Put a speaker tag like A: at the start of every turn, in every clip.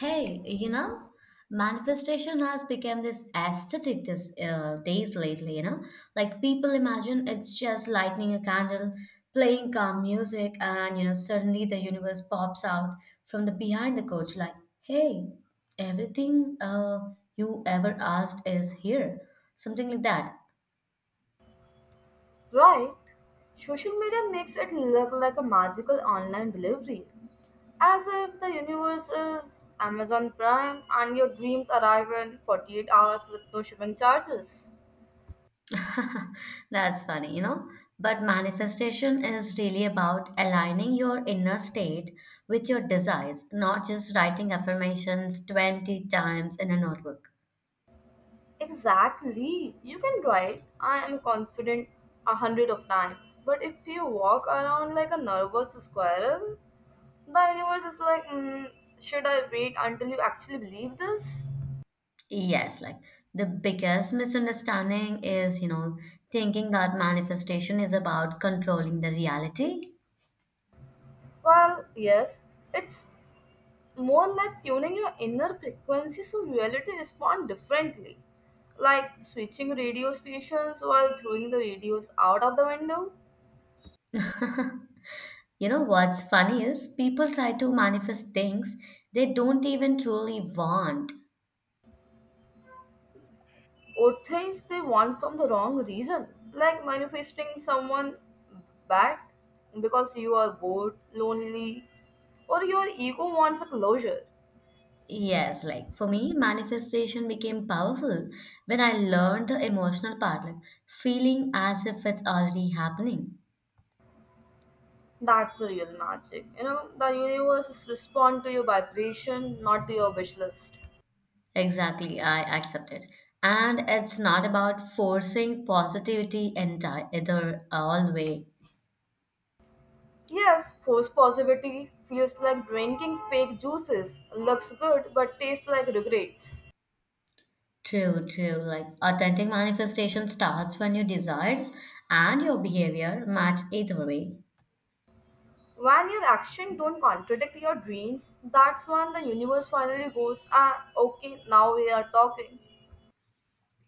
A: Hey, manifestation has become this aesthetic this days lately, Like people imagine it's just lighting a candle, playing calm music, and suddenly the universe pops out from the behind the couch like, "Hey, everything you ever asked is here." Something like that.
B: Right. Social media makes it look like a magical online delivery. As if the universe is Amazon Prime and your dreams arrive in 48 hours with no shipping charges.
A: That's funny, But manifestation is really about aligning your inner state with your desires, not just writing affirmations 20 times in a notebook.
B: Exactly. You can write, I am confident 100 of times. But if you walk around like a nervous squirrel, the universe is like, should I wait until you actually believe this?
A: Yes, like the biggest misunderstanding is, thinking that manifestation is about controlling the reality.
B: Well, yes, it's more like tuning your inner frequency so reality respond differently, like switching radio stations while throwing the radios out of the window.
A: You know, what's funny is people try to manifest things they don't even truly want.
B: Or things they want from the wrong reason, like manifesting someone bad because you are bored lonely or your ego wants a closure.
A: Yes, like for me, manifestation became powerful when I learned the emotional part, like feeling as if it's already happening.
B: That's the real magic. You know, the universe is respond to your vibration, not to your wish list.
A: Exactly, I accept it. And it's not about forcing positivity entire either all way.
B: Yes, force positivity feels like drinking fake juices. Looks good but tastes like regrets.
A: True, true. Like authentic manifestation starts when your desires and your behavior match either way.
B: When your actions don't contradict your dreams, that's when the universe finally goes, ah, okay, now we are talking.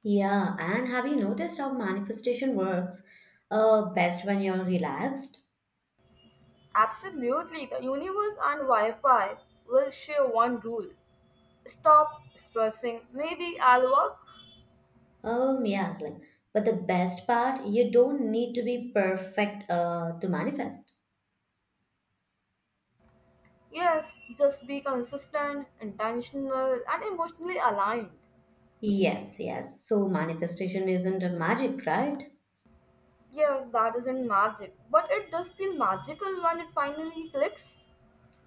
A: Yeah, and have you noticed how manifestation works? Best when you're relaxed.
B: Absolutely, the universe and Wi Fi will share one rule: stop stressing. Maybe I'll work.
A: Yes, like, but the best part, you don't need to be perfect to manifest.
B: Yes, just be consistent, intentional, and emotionally aligned.
A: Yes, yes. So manifestation isn't a magic, right?
B: Yes, that isn't magic, but it does feel magical when it finally clicks.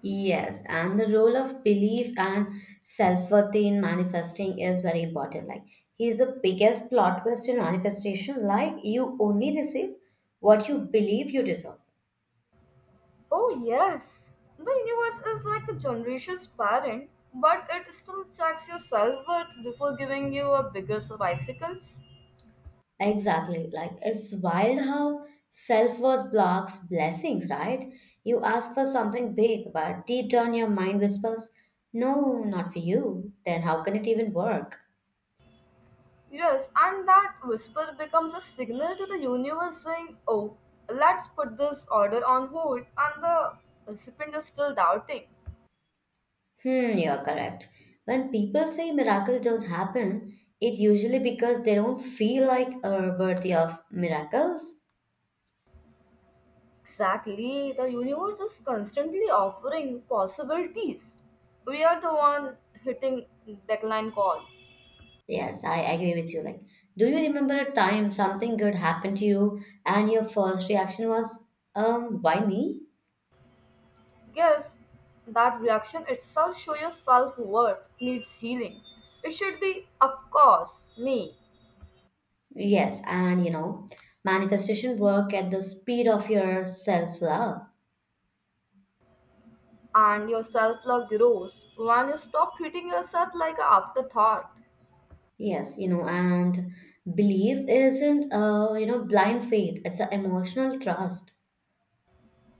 A: Yes, and the role of belief and self-worth in manifesting is very important. Like, he's the biggest plot twist in manifestation. Like, you only receive what you believe you deserve.
B: Oh, yes. The universe is like a generation's parent, but it still checks your self worth before giving you a bigger bicycles.
A: Exactly. Like it's wild how self-worth blocks blessings, right? You ask for something big, but deep down your mind whispers, "No, not for you." Then how can it even work?
B: Yes, and that whisper becomes a signal to the universe saying, oh, let's put this order on hold, and the recipient is still doubting.
A: Hmm, you're correct. When people say miracles don't happen, it usually because they don't feel like are worthy of miracles.
B: Exactly, the universe is constantly offering possibilities. We are the one hitting backline call.
A: Yes, I agree with you. Like, do you remember a time something good happened to you and your first reaction was, why me?
B: Guess that reaction itself shows your self worth needs healing. It should be, of course, me.
A: Yes, and manifestation work at the speed of your self love.
B: And your self love grows when you stop treating yourself like an afterthought.
A: Yes, and belief isn't a blind faith; it's an emotional trust.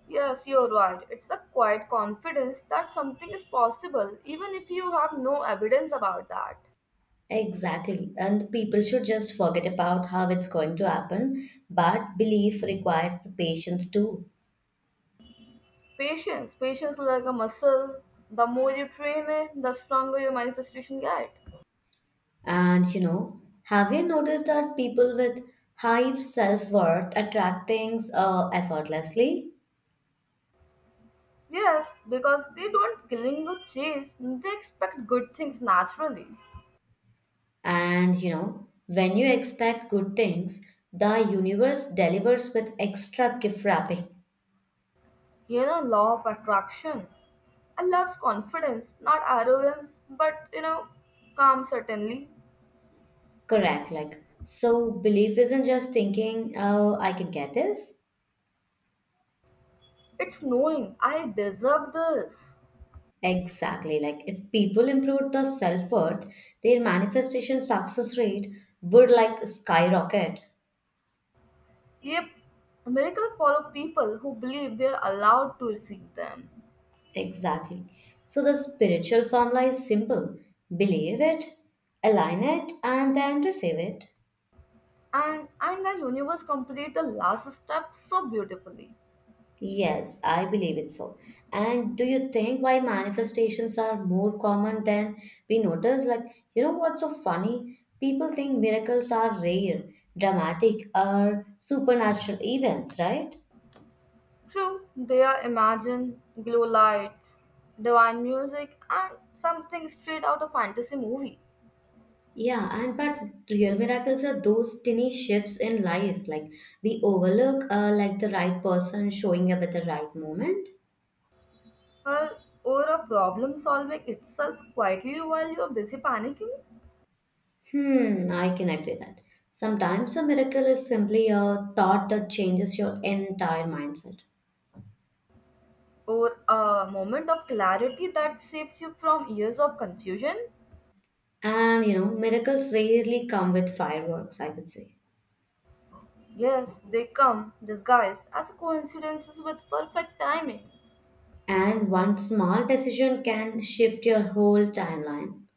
B: Yes, you're right. It's the quiet confidence that something is possible, even if you have no evidence about that.
A: Exactly, and people should just forget about how it's going to happen. But belief requires the patience too.
B: Patience. Patience like a muscle. The more you train it, the stronger your manifestation get.
A: And have you noticed that people with high self worth attract things effortlessly?
B: Yes, because they don't cling or chase. They expect good things naturally.
A: And when you expect good things, the universe delivers with extra gift wrapping.
B: You know, law of attraction. I loves confidence, not arrogance, but you know, calm certainly.
A: Correct. Like, so belief isn't just thinking, oh, I can get this.
B: It's knowing I deserve this.
A: Exactly. Like, if people improved their self worth, their manifestation success rate would like skyrocket.
B: Yep, miracles follow people who believe they're allowed to receive them.
A: Exactly. So the spiritual formula is simple: believe it, align it, and then receive it.
B: And the universe complete the last step so beautifully.
A: Yes, I believe it so. And do you think why manifestations are more common than we notice? Like, you know what's so funny? People think miracles are rare, dramatic, or supernatural events, right?
B: True, there imagine glow lights, divine music, and something straight out of fantasy movie.
A: Yeah, and but real miracles are those tiny shifts in life, like we overlook, like the right person showing up at the right moment.
B: Well, or a problem solving itself quietly while you're busy panicking,
A: Hmm, I can agree that. Sometimes a miracle is simply a thought that changes your entire mindset.
B: or a moment of clarity that saves you from years of confusion.
A: And miracles rarely come with fireworks, I would say.
B: Yes, they come disguised as coincidences with perfect timing,
A: And one small decision can shift your whole timeline.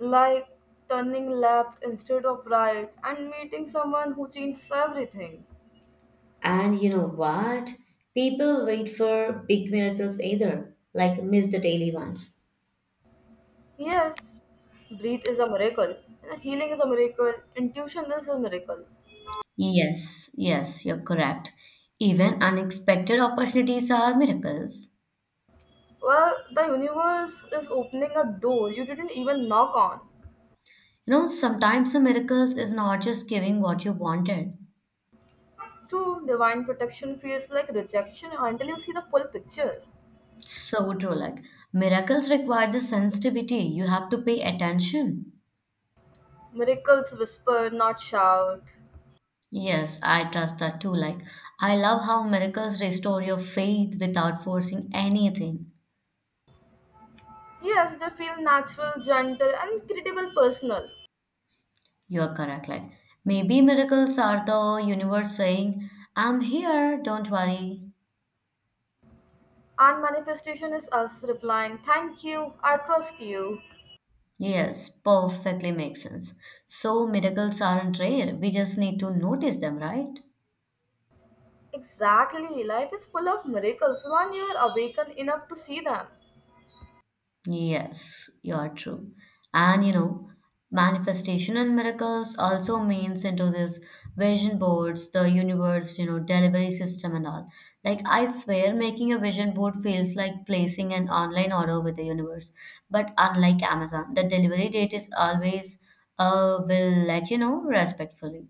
B: like turning left instead of right and meeting someone who changes everything.
A: And you know what? People wait for big miracles either, like miss the daily ones.
B: Yes, breathe is a miracle. You know, healing is a miracle. Intuition is a miracle.
A: Yes, yes, you're correct. Even unexpected opportunities are miracles.
B: Well, the universe is opening a door you didn't even knock on.
A: You know, sometimes the miracles is not just giving what you wanted.
B: True, divine protection feels like rejection until you see the full picture.
A: So true, like miracles require the sensitivity. You have to pay attention.
B: Miracles whisper, not shout.
A: Yes, I trust that too. Like, I love how miracles restore your faith without forcing anything.
B: Yes, they feel natural, gentle, and incredible personal.
A: You're correct. Like, maybe miracles are the universe saying, I'm here, don't worry.
B: And manifestation is us replying, thank you, I trust you.
A: Yes, perfectly makes sense. So, miracles aren't rare. We just need to notice them, right?
B: Exactly, life is full of miracles when you are awakened enough to see them.
A: Yes, you're true. And manifestation and miracles also means into this vision boards, the universe, delivery system and all. Like I swear making a vision board feels like placing an online order with the universe. But unlike Amazon, the delivery date is always will let you know respectfully.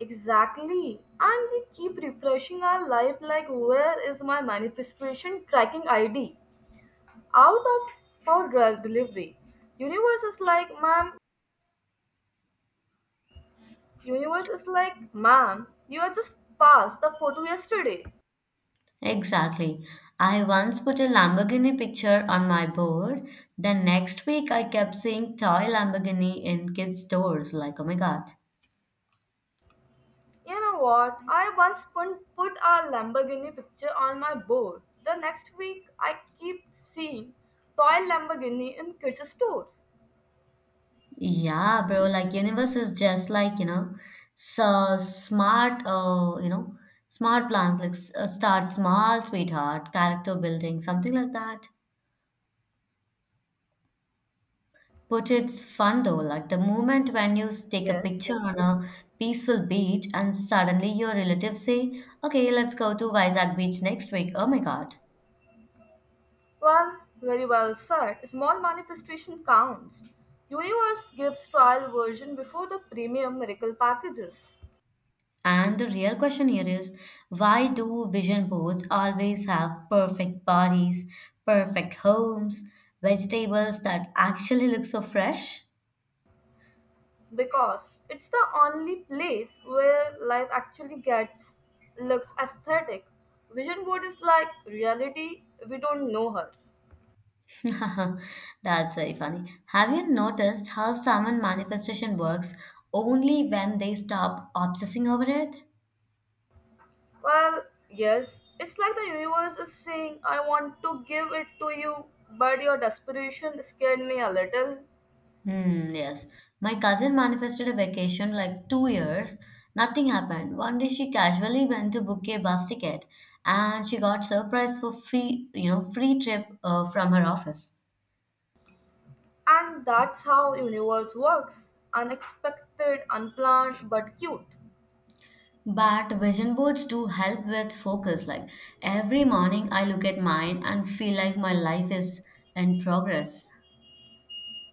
B: Exactly. And we keep refreshing our life like, where is my manifestation tracking ID? Out of for drug delivery. Universe is like ma'am universe is like ma'am, you are just passed the photo yesterday.
A: Exactly. I once put a Lamborghini picture on my board. Then next week, I kept seeing toy Lamborghini in kids' stores. Like, oh my God.
B: You know what? I once put a Lamborghini picture on my board. The next week I keep seeing toy Lamborghini in kids' store.
A: Yeah, bro, like universe is just like, so smart, smart plans, like start small, sweetheart, character building, something like that. But it's fun though, like the moment when you take a
B: Yes.
A: picture on a peaceful beach and suddenly your relatives say, okay, let's go to Vizag Beach next week. Oh my God.
B: Well, very well said. Small manifestation counts. Universe gives trial version before the premium miracle packages,
A: And the real question here is why do vision boards always have perfect bodies, perfect homes, vegetables that actually look so fresh?
B: because it's the only place where life actually gets looks aesthetic. Vision board is like reality, we don't know her.
A: That's very funny. Have you noticed how someone manifestation works only when they stop obsessing over it?
B: Well, yes, it's like the universe is saying I want to give it to you, but your desperation scared me a little.
A: Hmm, yes. My cousin manifested a vacation like 2 years. Nothing happened. One day she casually went to book a bus ticket and she got surprise for free, free trip from her office.
B: And that's how universe works. Unexpected, unplanned, but cute.
A: But vision boards do help with focus. Like every morning I look at mine and feel like my life is in progress.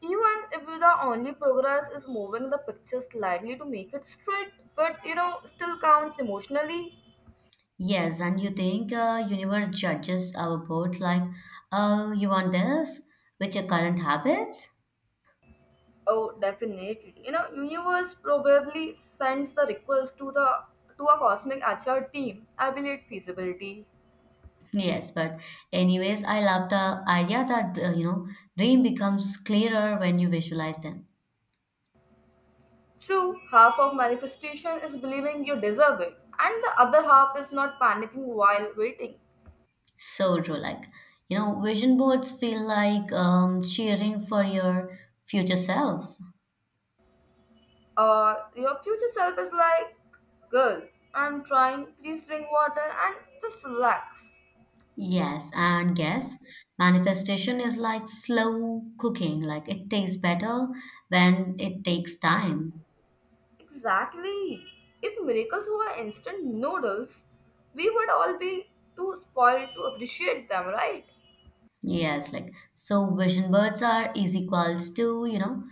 B: Even if the only progress is moving the picture slightly to make it straight, but you know, still counts emotionally.
A: Yes, and you think universe judges our boards like, oh, you want this with your current habits?
B: Oh, definitely. You know, universe probably sends the request to a cosmic HR team. Evaluate feasibility.
A: Yes, but anyways, I love the idea that dream becomes clearer when you visualize them.
B: True, half of manifestation is believing you deserve it, and the other half is not panicking while waiting.
A: So true, like vision boards feel like cheering for your future self.
B: Or your future self is like, girl, I'm trying, please drink water and just relax.
A: Yes, and guess manifestation is like slow cooking. Like it tastes better when it takes time.
B: Exactly. If miracles were instant noodles, we would all be too spoiled to appreciate them, right?
A: Yes, like so vision boards are is equals to you know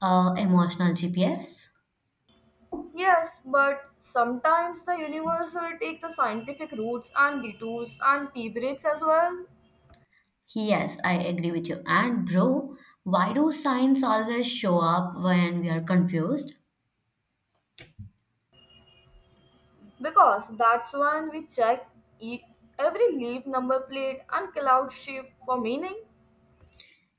A: uh, emotional GPS.
B: Yes, but sometimes the universe will take the scientific routes and detours and tea breaks as well.
A: Yes, I agree with you. And bro, why do signs always show up when we are confused?
B: Because that's when we check e- every leaf number plate and cloud shift for meaning.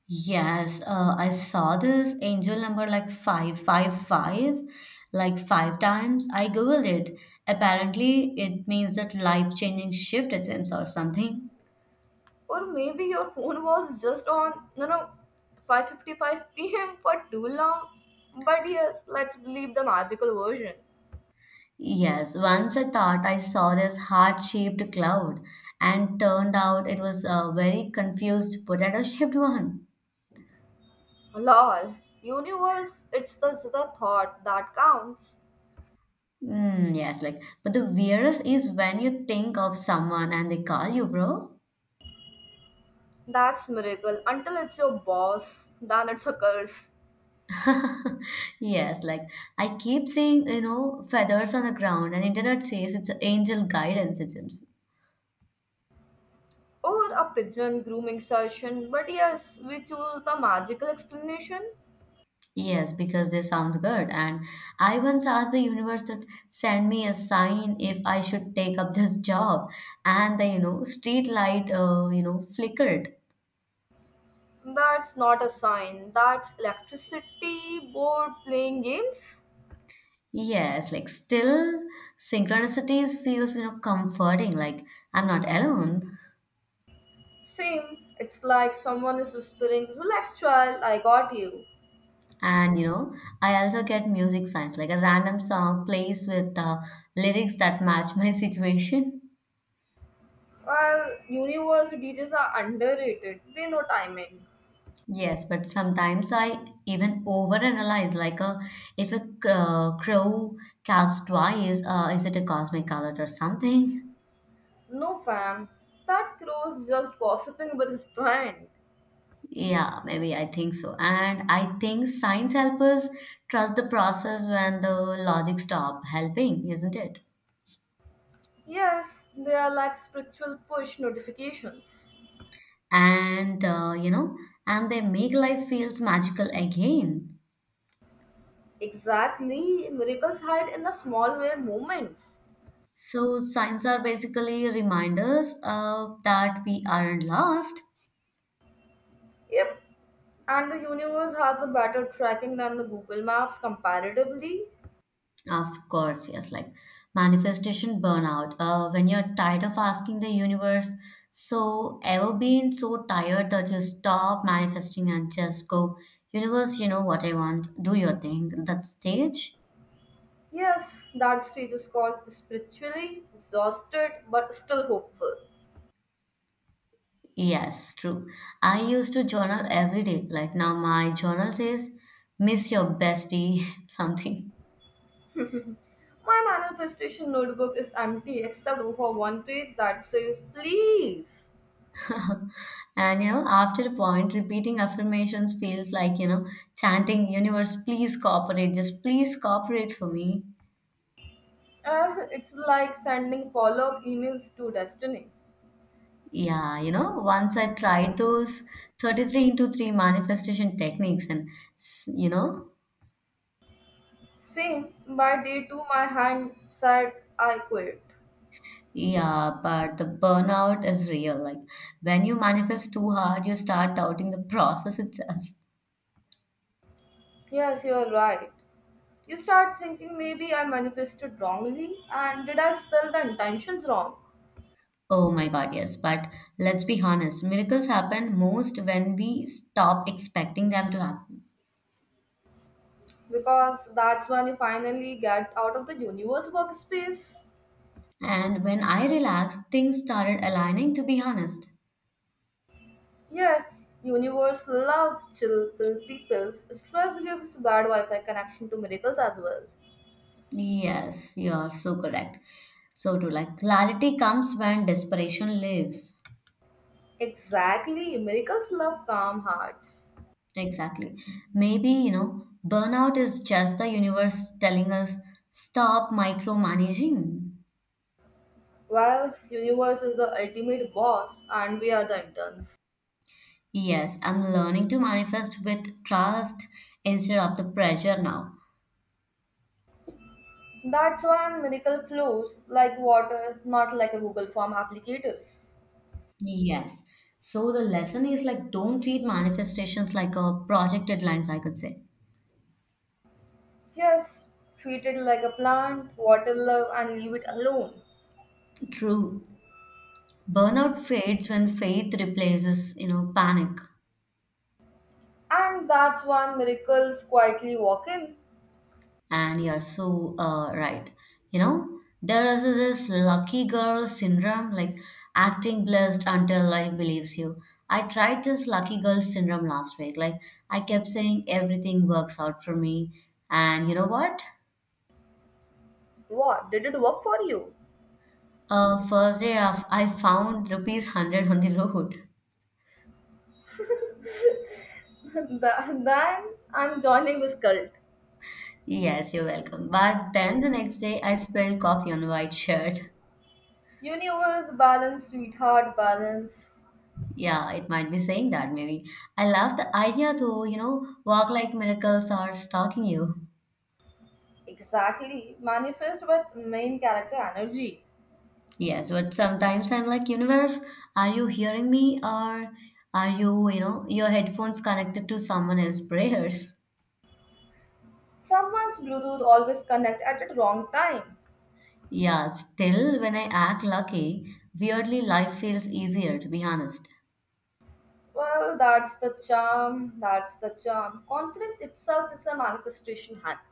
A: Yes, I saw this angel number like 555, like five times. I googled it. Apparently, it means that life-changing shift attempts or something.
B: Or maybe your phone was just on, you know, 5:55 p.m. for too long. But yes, let's believe the magical version.
A: Yes, once I thought I saw this heart-shaped cloud, and turned out it was a very confused potato-shaped one.
B: Lol, universe, it's the thought that counts.
A: Mm, yes, like, but the weirdest is when you think of someone and they call you bro.
B: That's miracle. Until it's your boss, then it's a curse.
A: Yes, like I keep seeing, feathers on the ground, and internet says it's angel guidance systems.
B: Or a pigeon grooming session. But yes, we choose the magical explanation.
A: Yes, because they sounds good. And I once asked the universe to send me a sign if I should take up this job, and the, street light, flickered.
B: That's not a sign. That's electricity board playing games.
A: Yes, like still synchronicities feels, comforting. Like I'm not alone.
B: Same. It's like someone is whispering, relax, child, I got you.
A: And I also get music science, like a random song plays with lyrics that match my situation.
B: Well, universal DJs are underrated. They know timing.
A: Yes, but sometimes I even overanalyze, if crow calves twice, is it a cosmic color or something?
B: No, fam. That crow's just gossiping with his brand.
A: Yeah, maybe I think so. And I think science helps us trust the process when the logic stop helping, isn't it?
B: Yes, they are like spiritual push notifications.
A: And and they make life feels magical again.
B: Exactly. Miracles hide in the small where moments.
A: So, signs are basically reminders that we aren't lost.
B: Yep. And the universe has a better tracking than the Google Maps comparatively.
A: Of course, yes, like manifestation burnout. When you're tired of asking the universe, so ever been so tired that you stop manifesting and just go, universe, you know what I want, do your thing. That stage?
B: Yes, that stage is called spiritually exhausted but still hopeful.
A: Yes, true. I used to journal every day. Like now, my journal says, miss your bestie, something.
B: My manifestation notebook is empty except for one page that says please.
A: And after a point, repeating affirmations feels like chanting, universe, please cooperate, just please cooperate for me.
B: It's like sending follow up emails to destiny.
A: Yeah, once I tried those 33 into 3 manifestation techniques, and s- you know,
B: Same, by day two, my hand said I quit.
A: yeah, but the burnout is real. Like, when you manifest too hard, you start doubting the process itself.
B: Yes, you're right. You start thinking maybe I manifested wrongly and did I spell the intentions wrong?
A: Oh my God, yes. But let's be honest, miracles happen most when we stop expecting them to happen.
B: Because that's when you finally get out of the universe workspace.
A: And when I relaxed, things started aligning, to be honest.
B: Yes, universe love chill pill people. Stress gives bad Wi-Fi connection to miracles as well.
A: Yes, you are so correct. So to like clarity comes when desperation leaves.
B: Exactly, miracles love calm hearts.
A: Exactly. Maybe, burnout is just the universe telling us stop micromanaging.
B: Well, universe is the ultimate boss, and we are the interns.
A: Yes, I'm learning to manifest with trust instead of the pressure now.
B: That's when miracle flows like water, not like a Google form applicators.
A: Yes. So the lesson is like don't treat manifestations like a project deadlines, I could say.
B: Yes, treat it like a plant, water love, and leave it alone.
A: True. Burnout fades when faith replaces panic.
B: And that's when miracles quietly walk in.
A: And you're so right. You know there is this lucky girl syndrome, like acting blessed until life believes you. I tried this lucky girl syndrome last week, like I kept saying everything works out for me. And you know what?
B: What? Did it work for you?
A: First day of, I found rupees 100 on the road.
B: Then I'm joining this cult.
A: Yes, you're welcome. But then the next day I spilled coffee on a white shirt.
B: Universe balance, sweetheart balance.
A: Yeah, it might be saying that maybe. I love the idea though, walk like miracles are stalking you.
B: Exactly. Manifest with main character energy.
A: Yes, but sometimes I'm like, universe, are you hearing me or are you, your headphones connected to someone else's prayers?
B: Someone's Bluetooth always connect at the wrong time.
A: Yeah, still when I act lucky, weirdly life feels easier to be honest.
B: Well, that's the charm. That's the charm. Confidence itself is a manifestation hack.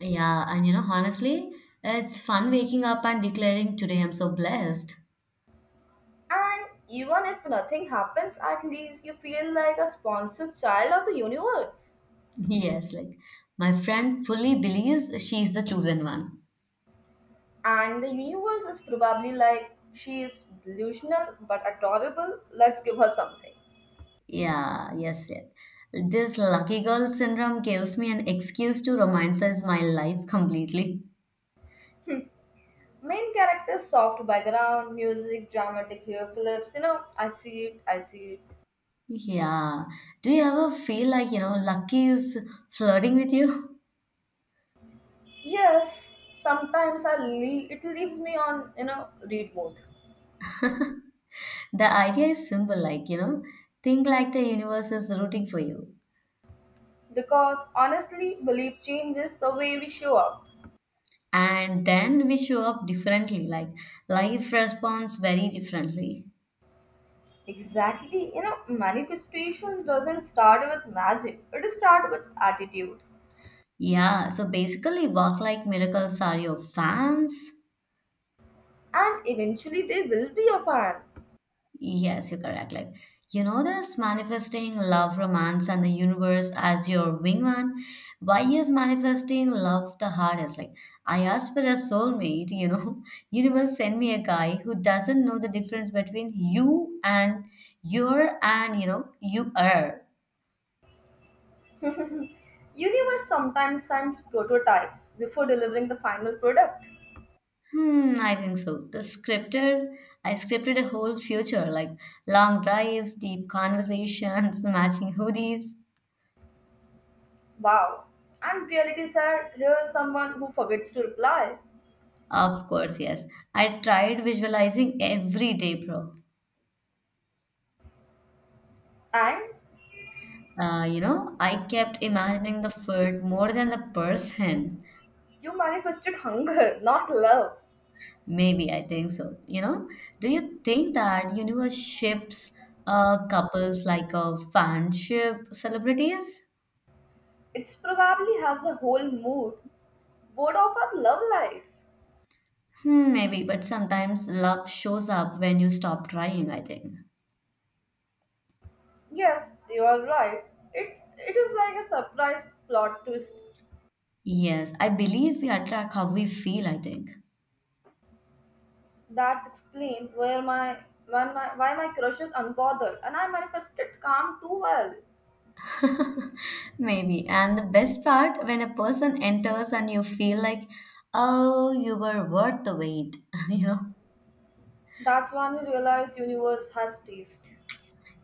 A: Yeah, and honestly, it's fun waking up and declaring today I'm so blessed.
B: And even if nothing happens, at least you feel like a sponsored child of the universe.
A: Yes, like my friend fully believes she's the chosen one.
B: And the universe is probably like, she is delusional but adorable, let's give her something.
A: Yeah, yes, yes. This lucky girl syndrome gives me an excuse to romanticize my life completely.
B: Main character, soft background, music, dramatic hair flips, you know, I see it, I see it.
A: Yeah. Do you ever feel like, you know, lucky is flirting with you?
B: Yes, sometimes I leave, it leaves me on, you know, read mode.
A: The idea is simple, like, you know, think like the universe is rooting for you.
B: Because honestly, belief changes the way we show up.
A: And then we show up differently, like life responds very differently.
B: Exactly, you know, manifestations doesn't start with magic, it starts with attitude.
A: Yeah, so basically, walk like miracles are your fans.
B: And eventually they will be a fan.
A: Yes, you're correct. Like, you know, this manifesting love, romance, and the universe as your wingman. Why is manifesting love the hardest? Like, I asked for a soulmate, you know, universe send me a guy who doesn't know the difference between you and your and, you know, you are.
B: Universe sometimes sends prototypes before delivering the final product.
A: Hmm, I think so. I scripted a whole future like long drives, deep conversations, matching hoodies.
B: Wow. And realities are here's someone who forgets to reply.
A: Of course, yes. I tried visualizing every day, bro.
B: And
A: You know, I kept imagining the food more than the person.
B: you manifested hunger, not love.
A: Maybe I think so. You know, do you think that universe ships couples like a fanship celebrities?
B: It's probably has the whole mood board of our love life.
A: Hmm, maybe, but sometimes love shows up when you stop trying, I think.
B: Yes, you are right. It is like a surprise plot twist.
A: Yes, I believe we attract how we feel, I think.
B: That's explained where my when my why my crush is unbothered and I manifested calm too well.
A: Maybe. And the best part, when a person enters and you feel like, oh, you were worth the wait, you know?
B: That's when you realize universe has taste.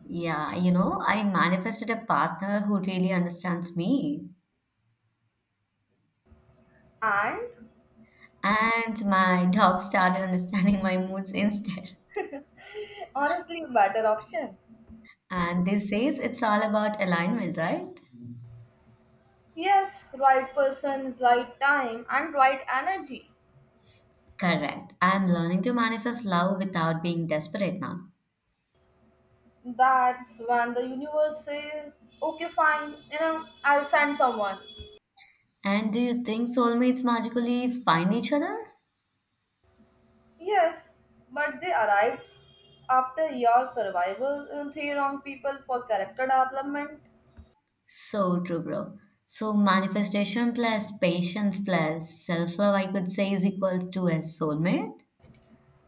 A: Yeah, you know, I manifested a partner who really understands me.
B: And
A: And my dog started understanding my moods instead.
B: honestly, better option.
A: And this says it's all about alignment, right?
B: Yes, right person, right time, and right energy.
A: Correct. I'm learning to manifest love without being desperate now.
B: That's when the universe says, okay, fine, you know, I'll send someone.
A: And do you think soulmates magically find each other?
B: Yes, but they arrives after your survival, three wrong people for character development,
A: So true, bro. So manifestation plus patience plus self-love, I could say, is equal to a soulmate.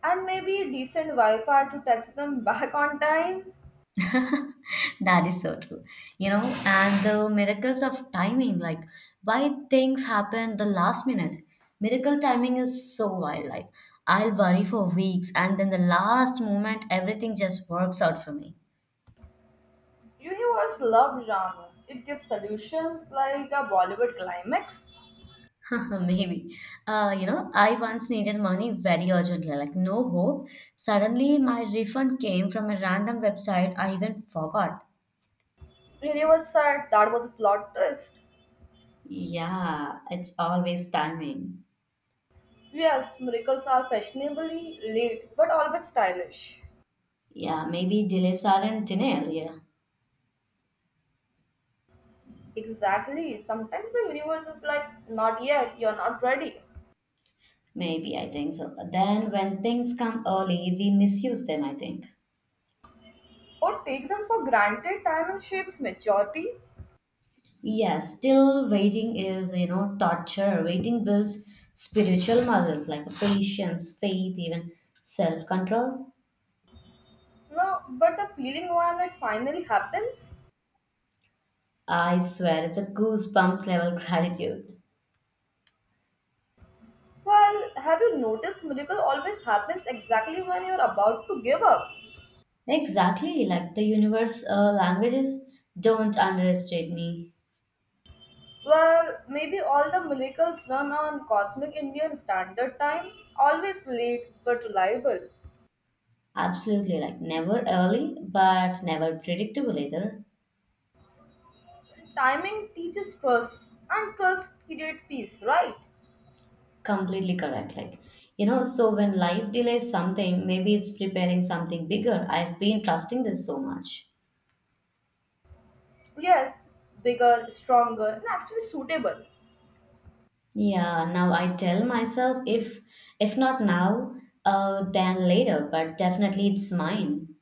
B: and maybe decent Wi Fi to text them back on time.
A: That is so true. You know, and the miracles of timing, like why things happen the last minute. Miracle timing is so wild. Like I'll worry for weeks and then the last moment everything just works out for me.
B: Universe love drama. It gives solutions like a Bollywood climax.
A: Maybe. You know, I once needed money very urgently, like no hope. Suddenly, my refund came from a random website I even forgot.
B: Universe said that was a plot twist.
A: Yeah, it's always timing.
B: Yes, miracles are fashionably late but always stylish.
A: Yeah, maybe delays aren't denial. Yeah,
B: Exactly. Sometimes the universe is like, not yet, you're not ready.
A: maybe I think so. Then when things come early, we misuse them, I think.
B: Or take them for granted, time and shapes maturity.
A: Yeah, still waiting is, you know, torture. Waiting builds spiritual muscles like patience, faith, even self control.
B: No, but the feeling when it finally happens?
A: I swear, it's a goosebumps level gratitude.
B: Well, have you noticed miracle always happens exactly when you're about to give up?
A: Exactly, like the universe languages don't underestimate me.
B: Well, maybe all the miracles run on cosmic Indian standard time, always late but reliable.
A: Absolutely, like never early, but never predictable either.
B: Timing teaches trust, and trust creates peace, right?
A: Completely correct. Like, you know, so when life delays something, maybe it's preparing something bigger. I've been trusting this so much.
B: Yes, bigger, stronger, and actually suitable.
A: Yeah, now I tell myself if not now, then later, but definitely it's mine.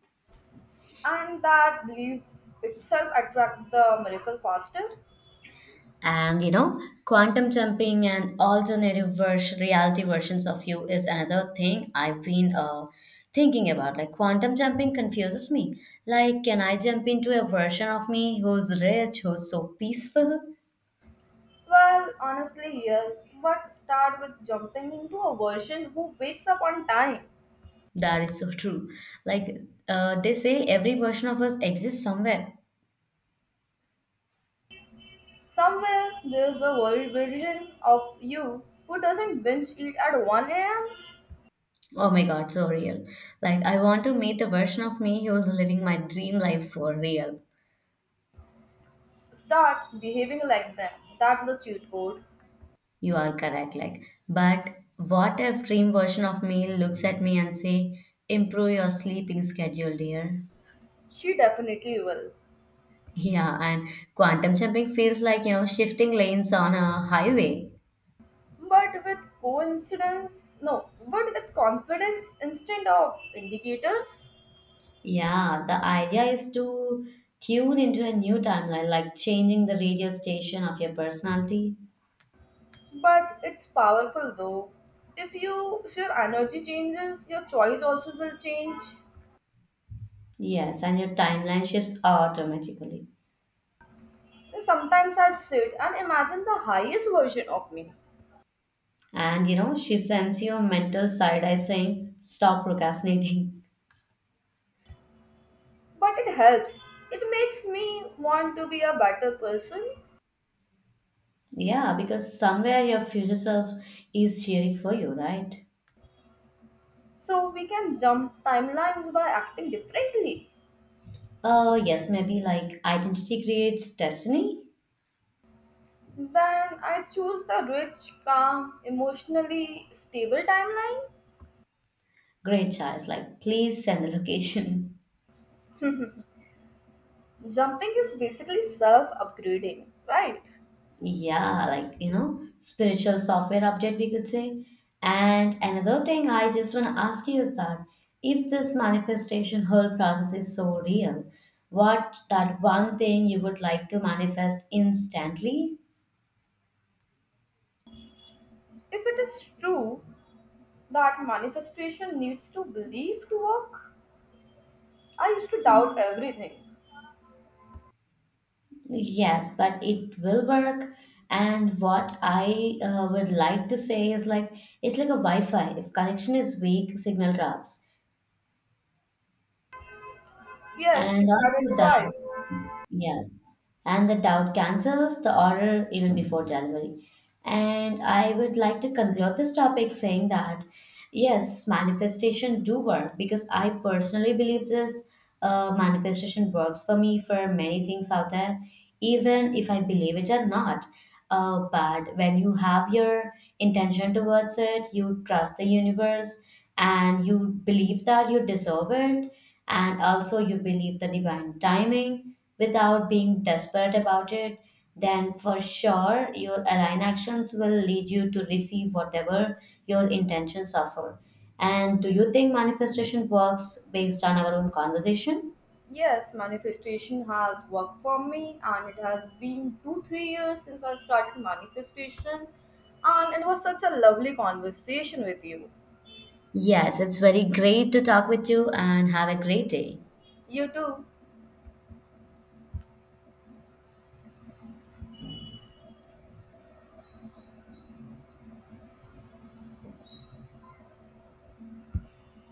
B: And that belief itself attract the miracle faster.
A: And you know, quantum jumping and reality versions of you is another thing I've been thinking about. Like quantum jumping confuses me, like can I jump into a version of me who's rich, who's so peaceful?
B: Well, honestly, yes. But start with jumping into a version who wakes up on time.
A: That is so true. Like they say every version of us exists somewhere.
B: Somewhere there's a version of you who doesn't binge eat at 1 a.m.
A: Oh my god, so real. Like I want to meet the version of me who's living my dream life for real.
B: Start behaving like them. That's the cheat code.
A: You are correct. Like, but what if dream version of me looks at me and say, "Improve your sleeping schedule, dear."
B: She definitely will.
A: Yeah, and quantum jumping feels like, you know, shifting lanes on a highway.
B: But with coincidence, no, but with confidence instead of indicators.
A: Yeah, the idea is to tune into a new timeline, like changing the radio station of your personality.
B: But it's powerful though. If your energy changes, your choice also will change.
A: Yes, and your timeline shifts automatically.
B: Sometimes I sit and imagine the highest version of me.
A: And you know, she sends you a mental side eye saying, stop procrastinating.
B: But it helps. It makes me want to be a better person.
A: Yeah, because somewhere your future self is cheering for you, right?
B: So we can jump timelines by acting differently.
A: Oh, yes, maybe like identity creates destiny.
B: Then I choose the rich, calm, emotionally stable timeline.
A: Great choice. Like, please send the location.
B: Jumping is basically self upgrading, right?
A: Yeah, like, you know, spiritual software update, we could say. And another thing I just want to ask you is that if this manifestation whole process is so real, what that one thing you would like to manifest instantly?
B: If it is true that manifestation needs to believe to work, I used to doubt everything.
A: Yes, but it will work. And what I would like to say is like it's like a Wi-Fi. If connection is weak, signal drops.
B: Yes,
A: And
B: you have it
A: also that,
B: right.
A: yeah. And the doubt cancels the order even before delivery. And I would like to conclude this topic saying that yes, manifestation do work because I personally believe this manifestation works for me for many things out there, even if I believe it or not. But when you have your intention towards it, you trust the universe and you believe that you deserve it, and also you believe the divine timing without being desperate about it, then for sure your aligned actions will lead you to receive whatever your intentions offer. And do you think manifestation works based on our own conversation?
B: Yes, manifestation has worked for me, and it has been two, 3 years since I started manifestation. And it was such a lovely conversation with you.
A: Yes, it's very great to talk with you and have a great day.
B: You too.